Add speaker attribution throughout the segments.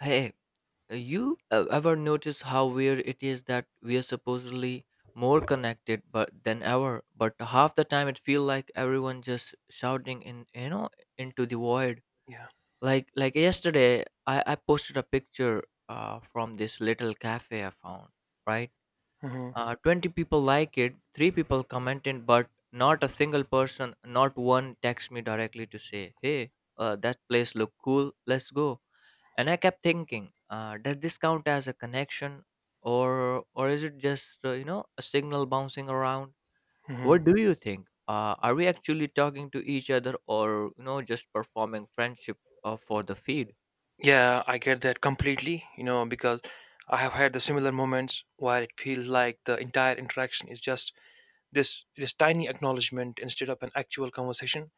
Speaker 1: Hey, you ever notice how weird it is that we are supposedly more connected but than ever, but half the time it feel like everyone just shouting in you know into the void.
Speaker 2: Yeah.
Speaker 1: Like yesterday, I posted a picture from this little cafe I found. Right,
Speaker 2: Hmm.
Speaker 1: 20 people like it, three people commented, but not a single person, not one text me directly to say, hey, that place look cool, let's go. And I kept thinking, does this count as a connection, or is it just a signal bouncing around?
Speaker 2: Hmm.
Speaker 1: What do you think, are we actually talking to each other or just performing friendship for the feed?
Speaker 2: Yeah, I get that completely, because I have had the similar moments where it feels like the entire interaction is just this tiny acknowledgement instead of an actual conversation.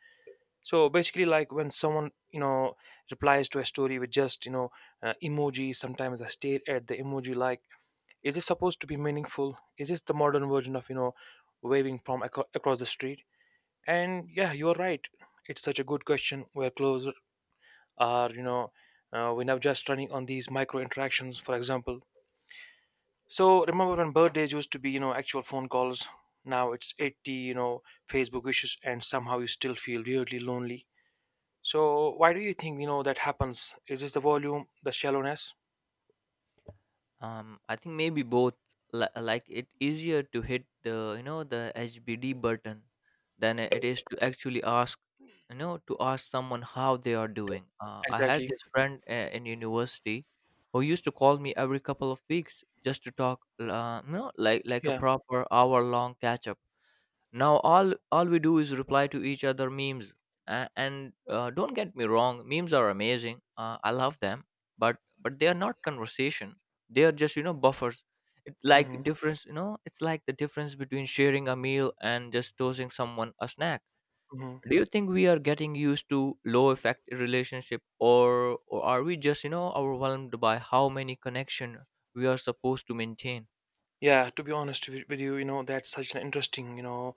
Speaker 2: So basically, like when someone, replies to a story with just, emojis. Sometimes I stare at the emoji like, is this supposed to be meaningful? Is this the modern version of, waving from across the street? And yeah, you're right. It's such a good question. We're close are you know We're now just running on these micro interactions, for example. So remember when birthdays used to be actual phone calls. Now it's 80 Facebook wishes, and somehow you still feel weirdly lonely. So why do you think that happens? Is this the volume, the shallowness?
Speaker 1: I think maybe both. Like it easier to hit the you know the HBD button than it is to actually ask, to ask someone how they are doing. I had
Speaker 2: Exactly.
Speaker 1: this friend in university who used to call me every couple of weeks just to talk, like a
Speaker 2: Yeah.
Speaker 1: proper hour long catch up. Now all we do is reply to each other memes. And Don't get me wrong, memes are amazing, I love them, but they are not conversation, they are just buffers.
Speaker 2: Mm-hmm.
Speaker 1: It's like the difference between sharing a meal and just tossing someone a snack.
Speaker 2: Mm-hmm.
Speaker 1: Do you think we are getting used to low effect relationship, or are we just overwhelmed by how many connection we are supposed to maintain?
Speaker 2: Yeah, to be honest with you, you know that's such an interesting,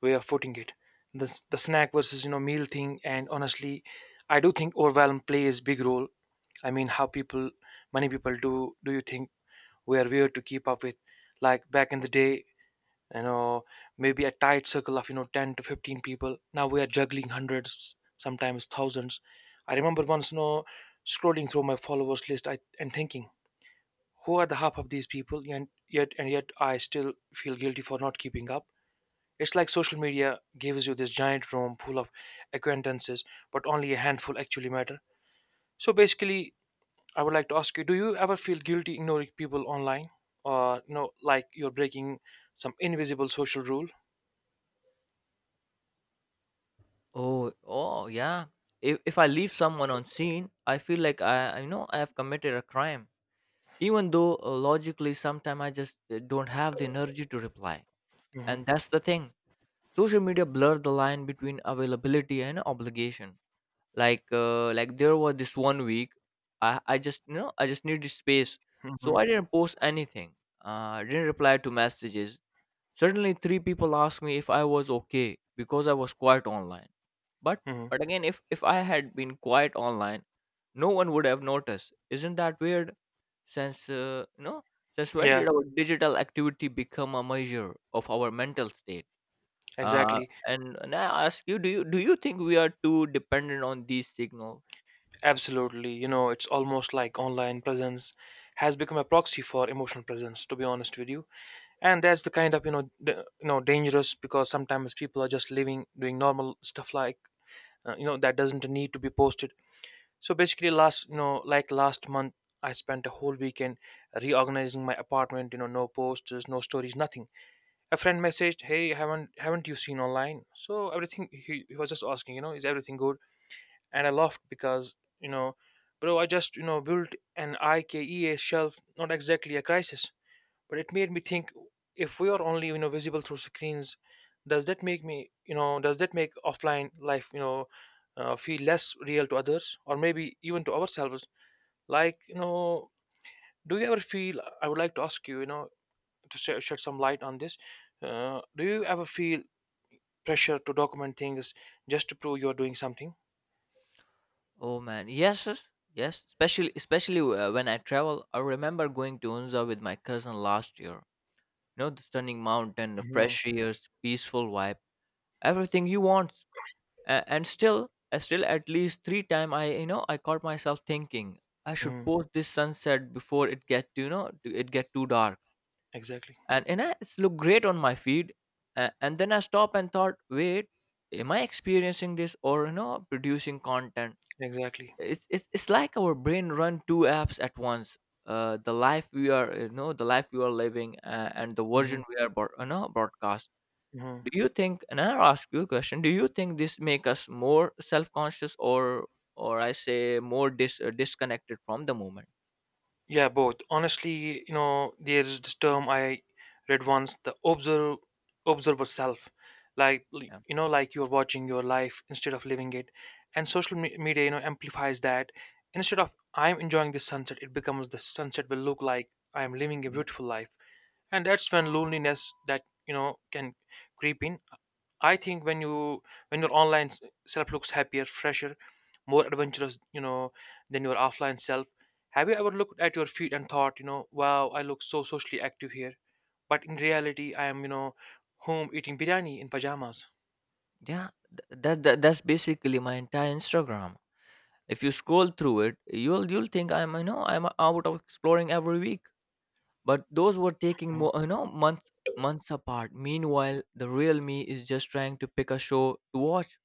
Speaker 2: way of putting it. The snack versus meal thing. And honestly, I do think overwhelm plays big role. I mean, many people do. Do you think we are weird to keep up with? Like back in the day, you know, maybe a tight circle of 10 to 15 people. Now we are juggling hundreds, sometimes thousands. I remember once, scrolling through my followers list and thinking, who are the half of these people? And yet I still feel guilty for not keeping up. It's like social media gives you this giant room full of acquaintances, but only a handful actually matter. So basically, I would like to ask you: do you ever feel guilty ignoring people online, or like you're breaking some invisible social rule?
Speaker 1: Oh, yeah. If I leave someone on scene, I feel like I know I have committed a crime. Even though, logically sometimes I just don't have the energy to reply.
Speaker 2: Hmm.
Speaker 1: And that's the thing. Social media blurred the line between availability and obligation. Like there was this one week I just I just needed space.
Speaker 2: Hmm.
Speaker 1: So I didn't post anything. I didn't reply to messages. Suddenly, three people asked me if I was okay because I was quiet online. But
Speaker 2: Hmm.
Speaker 1: again, if I had been quiet online, no one would have noticed. Isn't that weird? Since uh, you know, since when
Speaker 2: Yeah.
Speaker 1: did our digital activity become a measure of our mental state? Uh,
Speaker 2: Exactly.
Speaker 1: and I ask you, do you do you think we are too dependent on these signals?
Speaker 2: Absolutely, it's almost like online presence has become a proxy for emotional presence, to be honest with you. And that's the kind of the, dangerous, because sometimes people are just living, doing normal stuff like, that doesn't need to be posted. So basically, last, like last month, I spent a whole weekend reorganizing my apartment, no posters, no stories, nothing. A friend messaged, hey, haven't you seen online, so everything? He was just asking, is everything good. And I laughed, because bro, I just built an IKEA shelf, not exactly a crisis. But it made me think, if we are only visible through screens, does that make offline life, feel less real to others, or maybe even to ourselves? Like you know do you ever feel I would like to ask you, you know to shed some light on this. Do you ever feel pressure to document things just to prove you're doing something?
Speaker 1: Oh man, yes, especially when I travel. I remember going to Unza with my cousin last year, you know, the stunning mountain, the
Speaker 2: Hmm.
Speaker 1: fresh air, peaceful vibe, everything you want. And still, at least three time I you know I caught myself thinking, I should
Speaker 2: Hmm.
Speaker 1: post this sunset before it get to you know to- it get too dark
Speaker 2: Exactly.
Speaker 1: and I, it's look great on my feed. And then I stop and thought, wait, am I experiencing this or producing content?
Speaker 2: Exactly.
Speaker 1: It's like our brain run two apps at once. Uh, the life we are, the life we are living, and the
Speaker 2: Hmm.
Speaker 1: version we are broadcasting.
Speaker 2: Hmm.
Speaker 1: Do you think? And I'll ask you a question. Do you think this make us more self conscious, or I say more disconnected from the moment?
Speaker 2: Yeah, both. Honestly, there's this term I read once, the observer self. Like,
Speaker 1: Yeah.
Speaker 2: like you're watching your life instead of living it. And social media, amplifies that. Instead of, I'm enjoying this sunset, it becomes, the sunset will look like I am living a
Speaker 1: Agree.
Speaker 2: beautiful life. And that's when loneliness that can creep in. I think when you when your online self looks happier, fresher, more adventurous, than your offline self. Have you ever looked at your feet and thought, wow, I look so socially active here, but in reality I am, home eating biryani in pajamas?
Speaker 1: Yeah. That that's basically my entire Instagram. If you scroll through it, you'll think I'm I'm out of exploring every week. But those were taking more you know months apart. Meanwhile, the real me is just trying to pick a show to watch,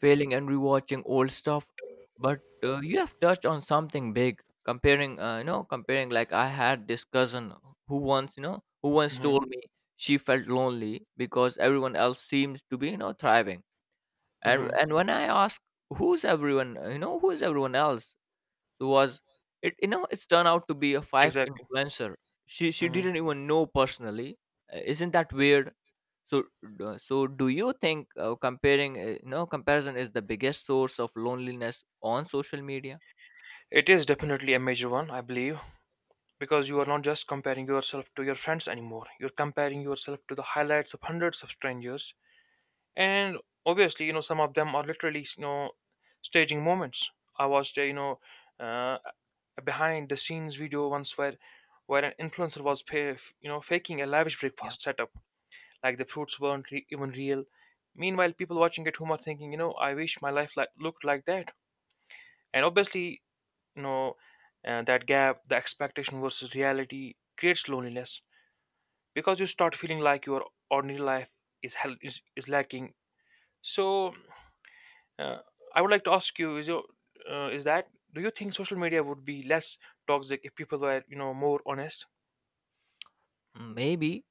Speaker 1: failing and rewatching old stuff. But you have touched on something big. Comparing. Like I had this cousin who who once
Speaker 2: Mm-hmm.
Speaker 1: told me she felt lonely because everyone else seems to be, thriving. And
Speaker 2: Mm-hmm.
Speaker 1: when I asked, who's everyone? You know, who's everyone else? Who was it you know It's turned out to be a five
Speaker 2: Exactly.
Speaker 1: influencer she
Speaker 2: Hmm.
Speaker 1: didn't even know personally. Isn't that weird? so so do you think, comparing you know comparison is the biggest source of loneliness on social media?
Speaker 2: It is definitely a major one, I believe, because you are not just comparing yourself to your friends anymore, you're comparing yourself to the highlights of hundreds of strangers. And obviously, some of them are literally, staging moments. I watched, uh, a behind the scenes video once, where an influencer was pay, f- you know faking a lavish
Speaker 1: Yeah.
Speaker 2: breakfast setup. Like, the fruits weren't even real. Meanwhile, people watching at home are thinking, I wish my life like looked like that. And obviously, you know that gap, the expectation versus reality, creates loneliness, because you start feeling like your ordinary life is lacking. So, Uh, I would like to ask you: Is your is that do you think social media would be less toxic if people were more honest?
Speaker 1: Mm, maybe,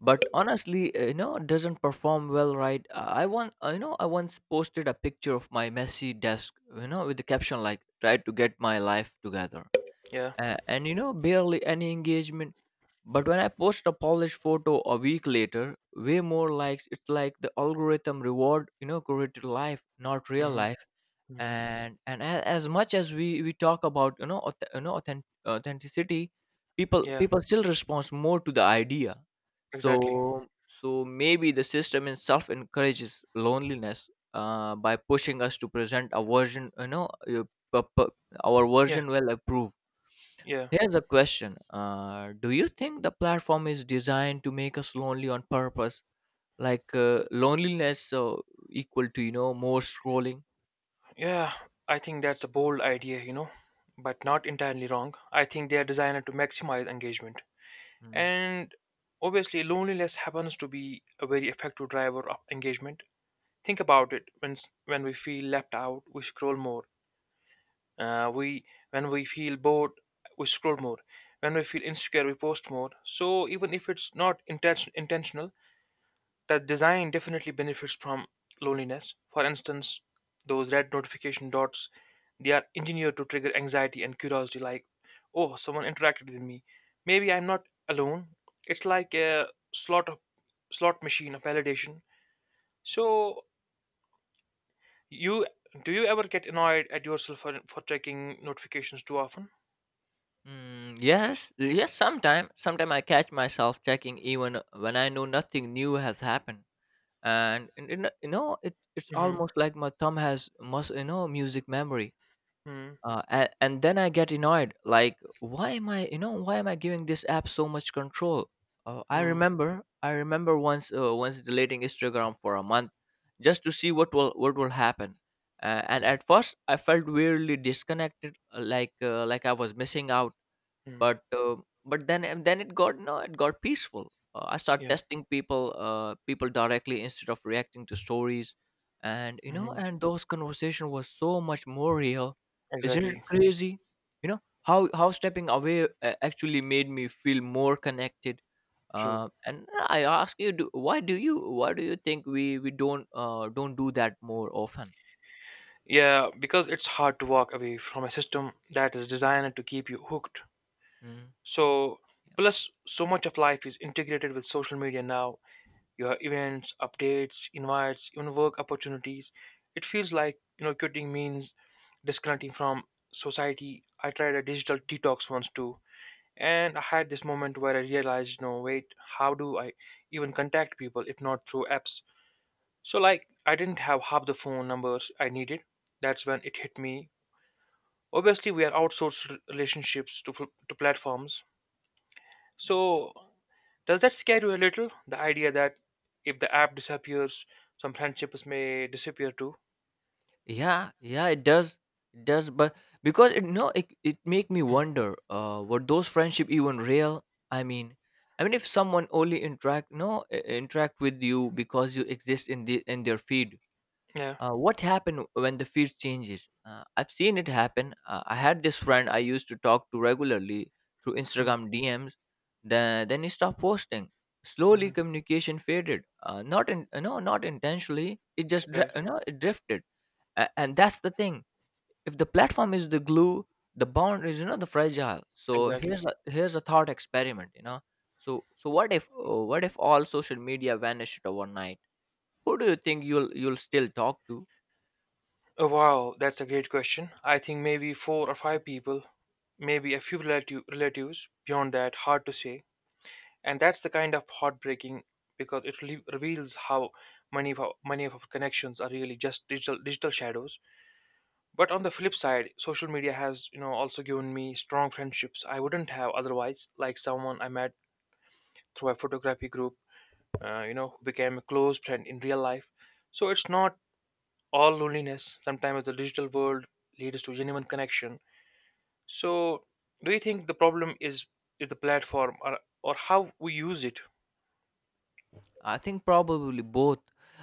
Speaker 1: but honestly, it doesn't perform well, right? I want you know I once posted a picture of my messy desk, you know, with the caption like, try to get my life together,
Speaker 2: Yeah.
Speaker 1: and you know barely any engagement. But when I post a polished photo a week later, way more likes. It's like the algorithm reward, you know, curated life, not real
Speaker 2: Hmm.
Speaker 1: life.
Speaker 2: Hmm.
Speaker 1: And as much as we talk about, authenticity,
Speaker 2: Yeah.
Speaker 1: people still respond more to the idea.
Speaker 2: Exactly.
Speaker 1: So maybe the system itself encourages loneliness by pushing us to present a version, uh, p- p- our
Speaker 2: Yeah.
Speaker 1: version well approved.
Speaker 2: Yeah.
Speaker 1: Here's a question. Do you think the platform is designed to make us lonely on purpose? Loneliness, equal to, you know, more scrolling?
Speaker 2: Yeah. I think that's a bold idea, but not entirely wrong. I think they are designed to maximize engagement,
Speaker 1: Mm.
Speaker 2: and obviously, loneliness happens to be a very effective driver of engagement. Think about it: when when we feel left out, we scroll more. We When we feel bored, we scroll more. When we feel insecure, we post more. So even if it's not intentional, that design definitely benefits from loneliness. For instance, those red notification dots, they are engineered to trigger anxiety and curiosity, like, oh, someone interacted with me, maybe I'm not alone. It's like a slot of slot machine of validation. So you do you ever get annoyed at yourself for checking notifications too often?
Speaker 1: Mm, yes, sometime. Sometime I catch myself checking even when I know nothing new has happened. And, you know, it's
Speaker 2: Hmm.
Speaker 1: almost like my thumb has, music memory.
Speaker 2: Mm.
Speaker 1: And Then I get annoyed, like why am I, why am I giving this app so much control? Uh,
Speaker 2: Mm.
Speaker 1: I remember once deleting instagram for a month just to see what will, happen. Uh, and at first I felt weirdly disconnected, like I was missing out,
Speaker 2: Mm.
Speaker 1: but then and then it got no, it got peaceful. I start
Speaker 2: Yeah.
Speaker 1: testing people, people directly instead of reacting to stories, and
Speaker 2: Mhm.
Speaker 1: and those conversation was so much more real. Isn't it
Speaker 2: Exactly.
Speaker 1: crazy? You know how stepping away actually made me feel more connected.
Speaker 2: True.
Speaker 1: And I ask you, why do you, think we don't, do that more often?
Speaker 2: Yeah, because it's hard to walk away from a system that is designed to keep you hooked.
Speaker 1: Mm,
Speaker 2: So,
Speaker 1: yeah.
Speaker 2: plus, so much of life is integrated with social media now. You have events, updates, invites, even work opportunities. It feels like, quitting means disconnecting from society. I tried a digital detox once too, and I had this moment where I realized, wait, how do I even contact people if not through apps? So, like, I didn't have half the phone numbers I needed. That's when it hit me. Obviously, we are outsourced relationships to, to platforms.
Speaker 1: Yeah.
Speaker 2: So, does that scare you a little? The idea that if the app disappears, some friendships may disappear too?
Speaker 1: Yeah, it does. It does, but because it no, it make me wonder, were those friendship even real? I mean, I mean, if someone only interact, no I- interact with you because you exist in their feed,
Speaker 2: Yeah.
Speaker 1: what happened when the feed changes? I've seen it happen. I had this friend I used to talk to regularly through
Speaker 2: Hmm.
Speaker 1: Instagram DMs. Then he stopped posting. Slowly, communication faded. Not in no, Not intentionally. It just
Speaker 2: Exactly.
Speaker 1: it drifted. And that's the thing, if the platform is the glue, the bond is, the fragile. So
Speaker 2: Exactly.
Speaker 1: here's a, thought experiment, so what if, all social media vanished overnight, who do you think you'll still talk to?
Speaker 2: Oh, wow, that's a great question. I think maybe four or five people, maybe a few relatives. Beyond that, hard to say. And that's the kind of heartbreaking, because it reveals how many of our connections are really just digital shadows. But on the flip side, social media has also given me strong friendships I wouldn't have otherwise, like someone I met through a photography group, who became a close friend in real life. So it's not all loneliness. Sometimes the digital world leads to genuine connection. So do you think the problem is the platform, or how we use it?
Speaker 1: I think probably both.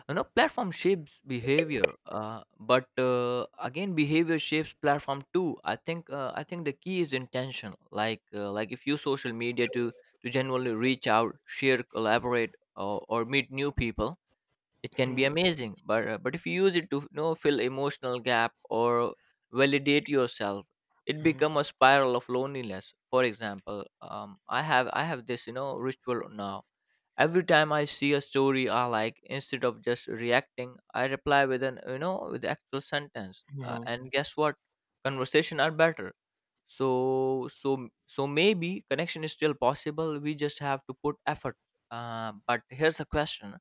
Speaker 1: You know, platform shapes behavior, but again behavior shapes platform too. I think the key is intention. Like if you social media to, genuinely reach out, share, collaborate, or meet new people, it can be
Speaker 2: Hmm.
Speaker 1: amazing, but if you use it to, fill emotional gap or validate yourself, it become a spiral of loneliness. For example, I have this, ritual now. Every time I see a story I like, instead of just reacting, I reply with an, with actual sentence. Uh,
Speaker 2: Hmm.
Speaker 1: and guess what, conversation are better. So, maybe connection is still possible, we just have to put effort. Uh, but here's a question,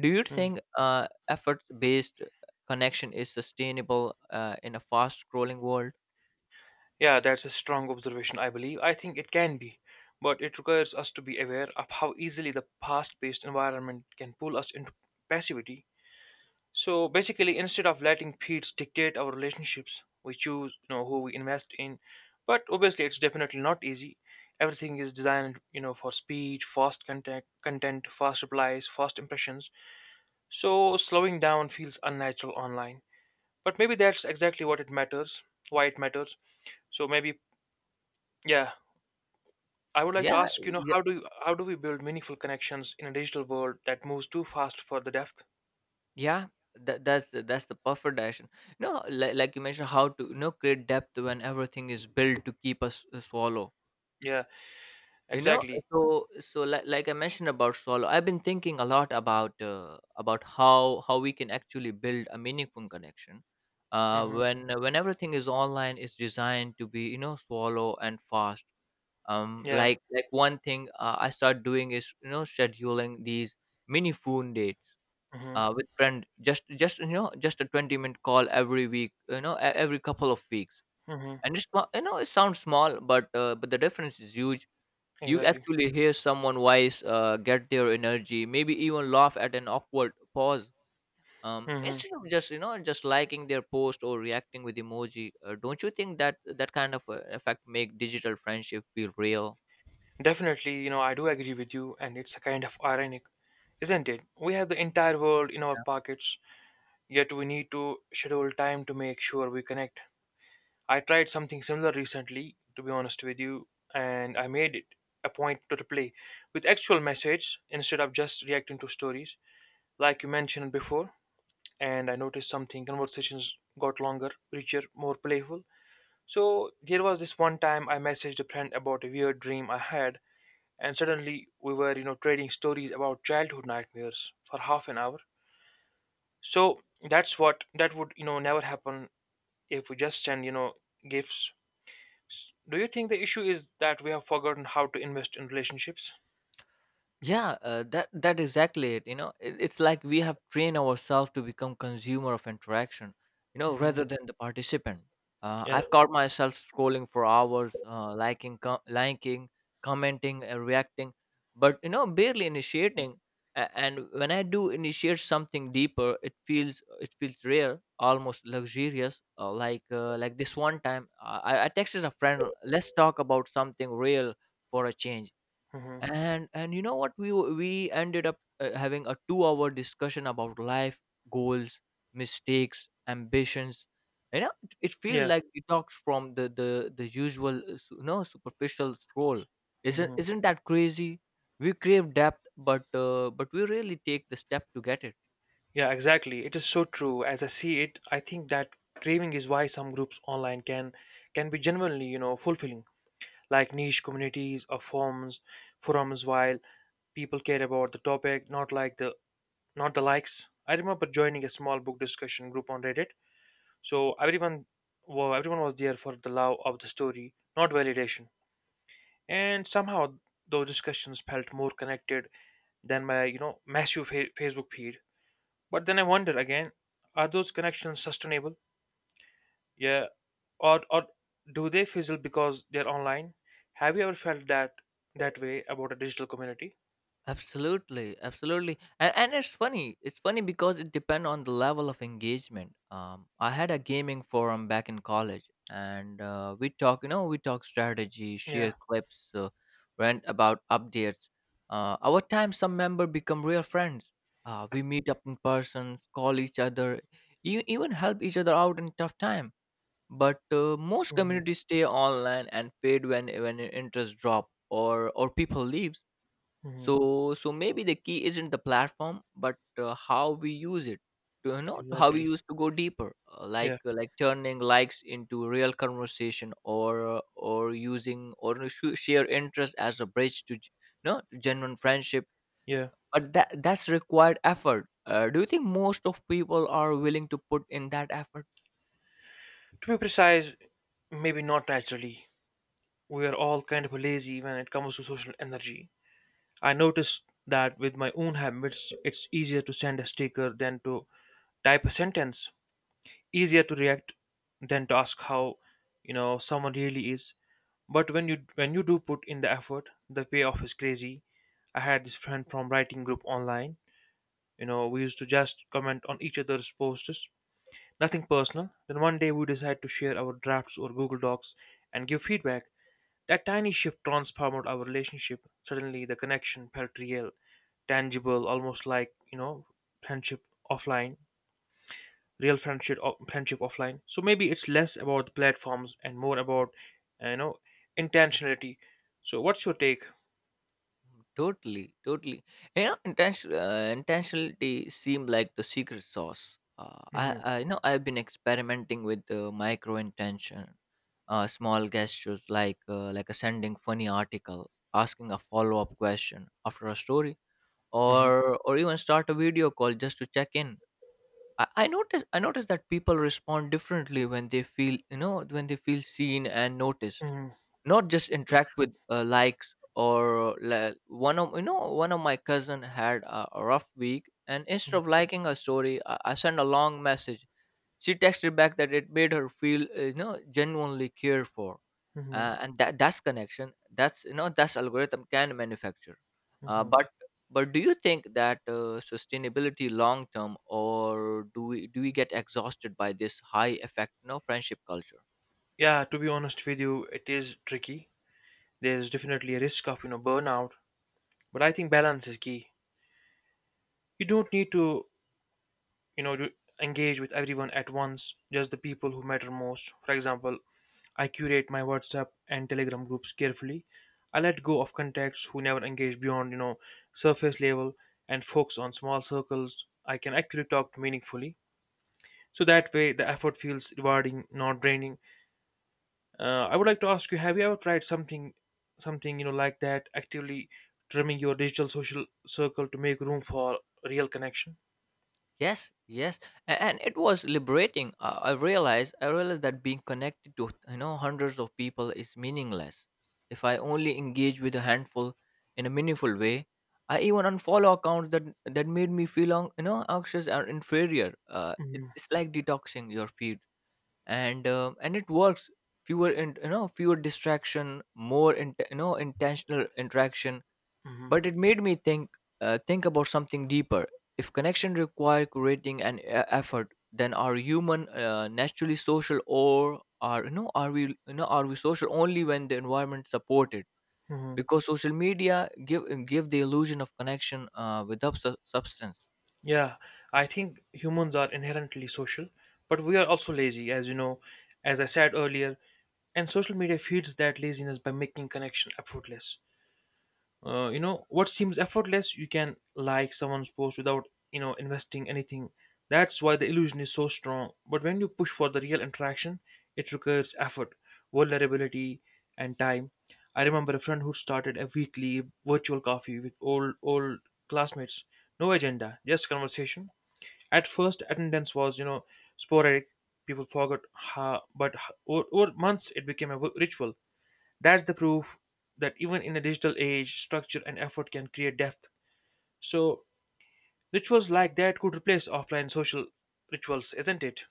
Speaker 1: do you think
Speaker 2: Hmm.
Speaker 1: effort based connection is sustainable in a fast scrolling world?
Speaker 2: Yeah, that's a strong observation, I believe. I think it can be, but it requires us to be aware of how easily the fast paced environment can pull us into passivity. So basically, instead of letting feeds dictate our relationships, we choose who we invest in. But obviously, it's definitely not easy. Everything is designed, for speed, fast content, fast replies, fast impressions. So slowing down feels unnatural online. But maybe that's exactly why it matters. So maybe, yeah, I would like to
Speaker 1: yeah
Speaker 2: ask,
Speaker 1: yeah
Speaker 2: how do we build meaningful connections in a digital world that moves too fast for the depth?
Speaker 1: yeah, that's the-, that's the perfect direction. No Like, you mentioned, how to create depth when everything is built to keep us, swallow.
Speaker 2: Yeah,
Speaker 1: You know,
Speaker 2: exactly.
Speaker 1: so, like I mentioned about solo, I've been thinking a lot about, how we can actually build a meaningful connection.
Speaker 2: Hmm.
Speaker 1: When everything is online, is designed to be, swallow and fast.
Speaker 2: Yeah.
Speaker 1: Like one thing I start doing is, scheduling these mini phone dates
Speaker 2: Hmm.
Speaker 1: with friend. Just you know, just a 20 minute call every week. You know, every couple of weeks,
Speaker 2: Hmm.
Speaker 1: and it's not-, you know it sounds small, but the difference is huge. You
Speaker 2: Exactly.
Speaker 1: actually hear someone wise, get their energy, maybe even laugh at an awkward pause.
Speaker 2: Hmm.
Speaker 1: Instead of just, just liking their post or reacting with emoji, don't you think that that kind of effect make digital friendship feel real?
Speaker 2: Definitely, I do agree with you, and it's a kind of ironic, isn't it? We have the entire world in our pockets, yet we need to schedule time to make sure we connect. I tried something similar recently, to be honest with you, and I made it a point to replay with actual messages instead of just reacting to stories like you mentioned before. And I noticed something: conversations got longer, richer, more playful. So there was this one time I messaged a friend about a weird dream I had, and suddenly we were, trading stories about childhood nightmares for half an hour. So that would never happen if we just send, gifts. Do you think the issue is that we have forgotten how to invest in relationships?
Speaker 1: Yeah, that exactly it. You know, it's like we have trained ourselves to become consumer of interaction, you know, rather than the participant.
Speaker 2: Yeah.
Speaker 1: I've caught myself scrolling for hours, liking, liking, commenting, and reacting, but you know, barely initiating. And when I do initiate something deeper, it feels rare, almost luxurious. Like this one time, I texted a friend, "Let's talk about something real for a change."
Speaker 2: Hmm.
Speaker 1: And you know what, we ended up having a 2-hour hour discussion about life goals, mistakes, ambitions. You know, it feels
Speaker 2: Yeah.
Speaker 1: like we detox from the usual you know superficial scroll. isn't
Speaker 2: Hmm.
Speaker 1: isn't that crazy? We crave depth but we really take the step to get it.
Speaker 2: Yeah, exactly. It is so true. As I see it, I think that craving is why some groups online can be genuinely, fulfilling, like niche communities or forums, while people care about the topic, not the likes. I remember joining a small book discussion group on Reddit. So everyone was there for the love of the story, not validation. And somehow those discussions felt more connected than my, massive Facebook feed. But then I wonder again, are those connections sustainable? Yeah, or do they fizzle because they're online? Have you ever felt that way about a digital community?
Speaker 1: Absolutely, absolutely, and it's funny. It's funny because it depends on the level of engagement. I had a gaming forum back in college, and we talk. You know, we talk strategy, share
Speaker 2: Yeah.
Speaker 1: clips, rant about updates. Over time, some member become real friends. We meet up in person, call each other, even help each other out in tough time. But most
Speaker 2: Hmm.
Speaker 1: communities stay online and fade when interest drop or people leave.
Speaker 2: Hmm.
Speaker 1: So maybe the key isn't the platform but how we use it to, you know, how we
Speaker 2: Exactly.
Speaker 1: use to go deeper, uh, like
Speaker 2: Yeah.
Speaker 1: uh, like turning likes into real conversation, or share interest as a bridge to you know to genuine friendship.
Speaker 2: Yeah.
Speaker 1: But that's required effort. Do you think most of people are willing to put in that effort?
Speaker 2: To be precise, maybe not naturally. We are all kind of lazy when it comes to social energy. I noticed that with my own habits, it's easier to send a sticker than to type a sentence, easier to react than to ask how, you know, someone really is. But when you do put in the effort, the payoff is crazy. I had this friend from writing group online. You know, we used to just comment on each other's posts, nothing personal. Then one day we decided to share our drafts or Google Docs and give feedback. That tiny shift transformed our relationship. Suddenly, the connection felt real, tangible, almost like, you know, friendship offline, real friendship, friendship offline. So maybe it's less about the platforms and more about, you know, intentionality. So what's your take?
Speaker 1: Totally, totally. You know, intention, intentionality seem like the secret sauce.
Speaker 2: Hmm.
Speaker 1: You know, I've been experimenting with micro intention, small gestures like a sending funny article, asking a follow up question after a story,
Speaker 2: Hmm.
Speaker 1: or even start a video call just to check in. I notice that people respond differently when they feel, you know, when they feel seen and noticed,
Speaker 2: Hmm.
Speaker 1: not just interact with likes. Or li- one of you know, one of my cousin had a rough week, and instead of liking a story, I sent a long message. She texted back that it made her feel, you know, genuinely cared for.
Speaker 2: Hmm.
Speaker 1: And that's connection, that's, you know, that's algorithm can manufacture. Uh, but but do you think that, sustainability long term, or do we get exhausted by this high effect, you know, friendship culture?
Speaker 2: Yeah, to be honest with you, it is tricky. There's definitely a risk of, you know, burnout, but I think balance is key. You don't need to, you know, to engage with everyone at once, just the people who matter most. For example, I curate my WhatsApp and Telegram groups carefully. I let go of contacts who never engage beyond, you know, surface level, and focus on small circles I can actually talk to meaningfully. So that way the effort feels rewarding, not draining. I would like to ask you, have you ever tried something, something, you know, like that, actively trimming your digital social circle to make room for real connection?
Speaker 1: Yes, yes, and it was liberating. I realized that being connected to, you know, hundreds of people is meaningless. If I only engage with a handful in a meaningful way, I even unfollow accounts that made me feel you know, anxious or inferior. It's like detoxing your feed, and it works. Fewer you know, fewer distraction, more you know, intentional interaction. But it made me think, think about something deeper. If connection require curating and effort, then are human naturally social, or are, you know, are we, you know, are we social only when the environment support it?
Speaker 2: Hmm.
Speaker 1: Because social media give give the illusion of connection without substance.
Speaker 2: Yeah, I think humans are inherently social, but we are also lazy, as you know, as I said earlier, and social media feeds that laziness by making connection effortless. You know, what seems effortless, you can like someone's post without, you know, investing anything. That's why the illusion is so strong. But when you push for the real interaction, it requires effort, vulnerability, and time. I remember a friend who started a weekly virtual coffee with old classmates. No agenda, just conversation. At first, attendance was, you know, sporadic. People forgot how, but over months it became a ritual. That's the proof that even in a digital age, structure and effort can create depth. So rituals like that could replace offline social rituals, isn't it?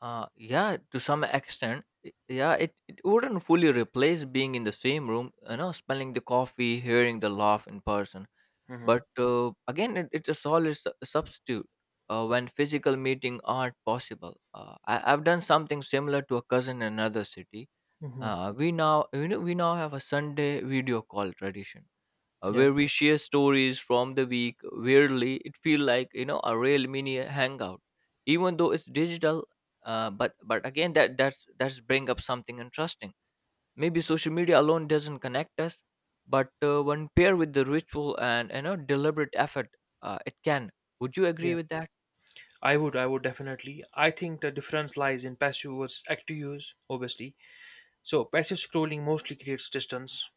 Speaker 1: Yeah, to some extent, yeah, it wouldn't fully replace being in the same room, you know, smelling the coffee, hearing the laugh in person.
Speaker 2: Hmm.
Speaker 1: But again, it, it's a solid substitute when physical meeting aren't possible. I've done something similar to a cousin in another city.
Speaker 2: Hmm.
Speaker 1: We now have a Sunday video call tradition
Speaker 2: Yeah.
Speaker 1: where we share stories from the week. Weirdly, it feels like, you know, a real mini hangout, even though it's digital. But again, that that's bring up something interesting. Maybe social media alone doesn't connect us, but when paired with the ritual and, you know, deliberate effort, it can. Would you agree
Speaker 2: Yeah.
Speaker 1: with that?
Speaker 2: I would definitely. I think the difference lies in passive versus active use, obviously. So passive scrolling mostly creates distance,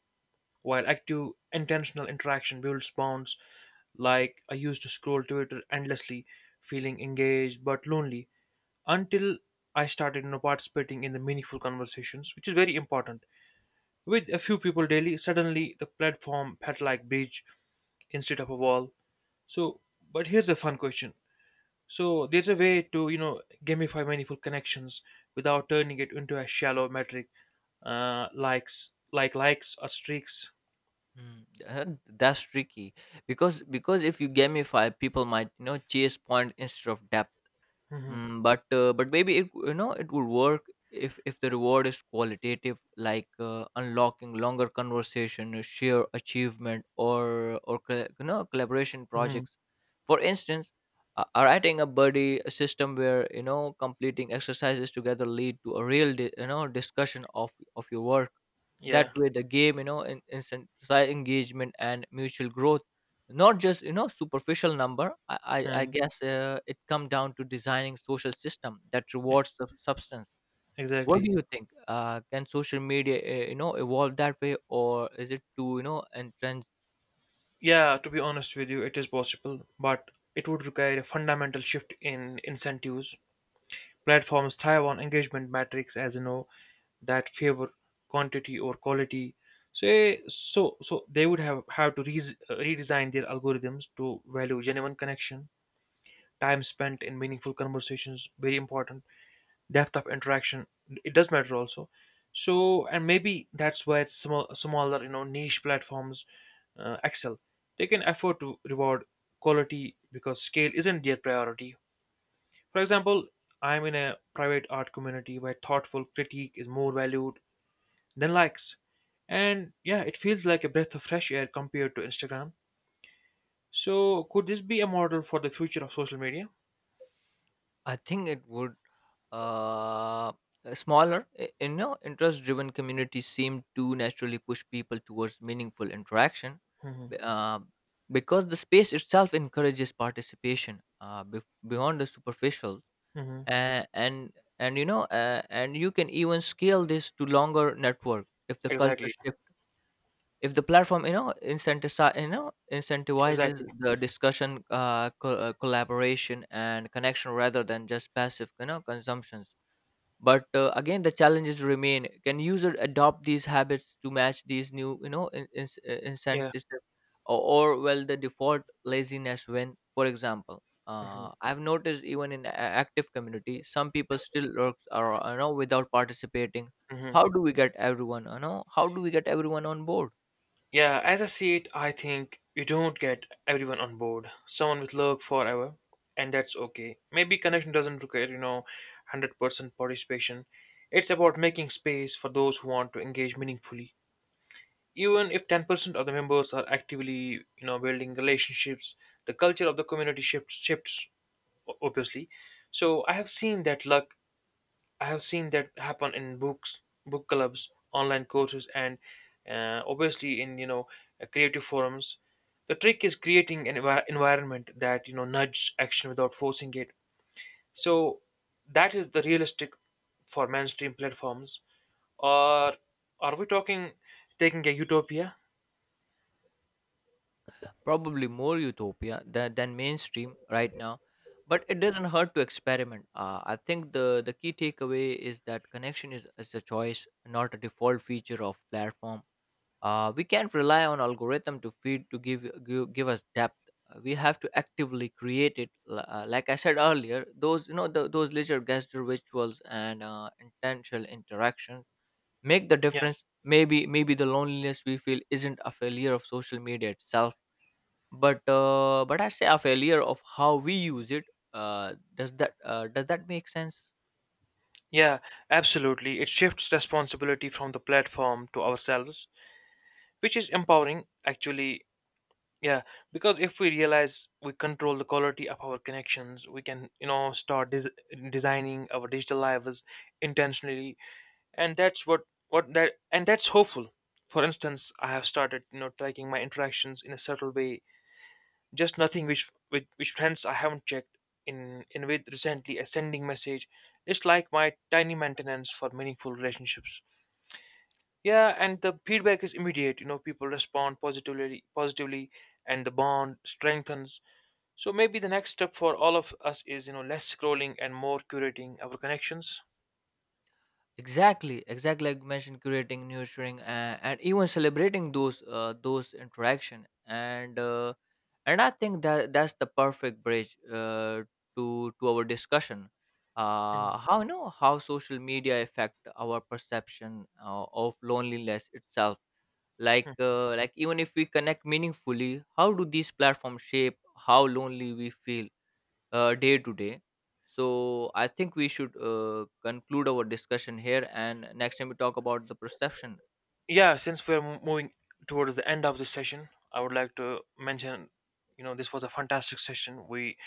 Speaker 2: while active, intentional interaction builds bonds. Like I used to scroll Twitter endlessly, feeling engaged but lonely, until I started, you know, participating in the meaningful conversations, which is very important. With a few people daily, suddenly the platform felt like bridge instead of a wall. So, but here's a fun question. So there's a way to, you know, gamify meaningful connections without turning it into a shallow metric, likes, like likes or streaks.
Speaker 1: Mm, uh, that's tricky because if you gamify, people might, you know, chase point instead of depth. But maybe it, you know, it would work if the reward is qualitative, like unlocking longer conversation, a sheer achievement, or you know, collaboration
Speaker 2: Hmm.
Speaker 1: projects. For instance, writing a buddy a system where, you know, completing exercises together lead to a real you know discussion of your work.
Speaker 2: Yeah.
Speaker 1: That way, the game, you know, incentivize engagement and mutual growth, not just, you know, superficial number. I guess it come down to designing social system that
Speaker 2: E-
Speaker 1: rewards the substance. What do
Speaker 2: Exactly.
Speaker 1: you think, can social media, you know, evolve that way, or is it too, you know, entrenched?
Speaker 2: Yeah, to be honest with you, it is possible, but it would require a fundamental shift in incentives. Platforms thrive on engagement metrics, as you know, that favor quantity or quality. So, so they would have to redesign their algorithms to value genuine connection, time spent in meaningful conversations, very important, depth of interaction, it does matter also. So, and maybe that's why it's smaller, you know, niche platforms excel. They can afford to reward quality because scale isn't their priority. For example, I'm in a private art community where thoughtful critique is more valued than likes, and yeah, it feels like a breath of fresh air compared to Instagram. So could this be a model for the future of social media?
Speaker 1: I think it would. uh, Smaller you know, interest driven communities seem to naturally push people towards meaningful interaction,
Speaker 2: Hmm.
Speaker 1: b- uh, because the space itself encourages participation bef beyond the superficial.
Speaker 2: Hmm.
Speaker 1: uh, and and, you know, and you can even scale this to longer network if the culture
Speaker 2: Exactly.
Speaker 1: shift, if the platform, you know, incentivize you know incentivizes
Speaker 2: Exactly.
Speaker 1: the discussion, collaboration and connection, rather than just passive, you know, consumptions. But again, the challenges remain: can user adopt these habits to match these new, you know,
Speaker 2: Yeah.
Speaker 1: incentives, or, well, the default laziness? When, for example, I've noticed even in active community some people still lurks or, you know, without participating.
Speaker 2: Hmm.
Speaker 1: How do we get everyone, you know, how do we get everyone on board?
Speaker 2: Yeah, as I see it, I think you don't get everyone on board. Someone will lurk forever, and that's okay. Maybe connection doesn't require, you know, 100% participation. It's about making space for those who want to engage meaningfully. Even if 10% of the members are actively, you know, building relationships, the culture of the community shifts obviously. So I have seen that happen in books, book clubs, online courses, and obviously in, you know, creative forums. The trick is creating an environment that, you know, nudges action without forcing it. So that is the realistic for mainstream platforms. Or are we talking taking a utopia?
Speaker 1: Probably more utopia than, mainstream right now, but it doesn't hurt to experiment. I think the key takeaway is that connection is a choice, not a default feature of platform. We can't rely on algorithm to give us depth. We have to actively create it. Like I said earlier, those, you know, those leisure gesture rituals and intentional interactions make the
Speaker 2: Yeah,
Speaker 1: difference. Maybe the loneliness we feel isn't a failure of social media itself, but I say a failure of how we use it. Does that make sense?
Speaker 2: yeah, absolutely. It shifts responsibility from the platform to ourselves, which is empowering. Actually, yeah, because if we realize we control the quality of our connections, we can, you know, start designing our digital lives intentionally, and that's what that and that's hopeful. For instance, I have started, you know, tracking my interactions in a subtle way, just nothing, which friends I haven't checked in with recently, a sending message. It's like my tiny maintenance for meaningful relationships. Yeah, and the feedback is immediate. You know, people respond positively, and the bond strengthens. So maybe the next step for all of us is, you know, less scrolling and more curating our connections.
Speaker 1: Exactly, exactly, like you mentioned, curating, nurturing, and even celebrating those interaction. And and I think that's the perfect bridge to our discussion.
Speaker 2: Mhm.
Speaker 1: How, you know, how social media affect our perception of loneliness itself. Like even if we connect meaningfully, how do these platforms shape how lonely we feel day to day? So I think we should conclude our discussion here, and next time we talk about the perception.
Speaker 2: Yeah, since we're moving towards the end of the session, I would like to mention, you know, this was a fantastic session. We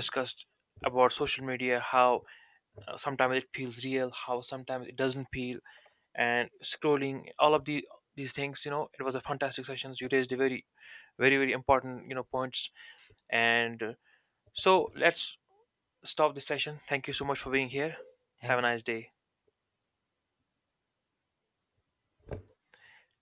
Speaker 1: Yeah.
Speaker 2: about social media, how sometimes it feels real, how sometimes it doesn't feel, and scrolling, all of the these things, you know, it was a fantastic session. You raised a very important, you know, points. And so let's stop the session. Thank you so much for being here. Have a
Speaker 1: Thank
Speaker 2: nice day.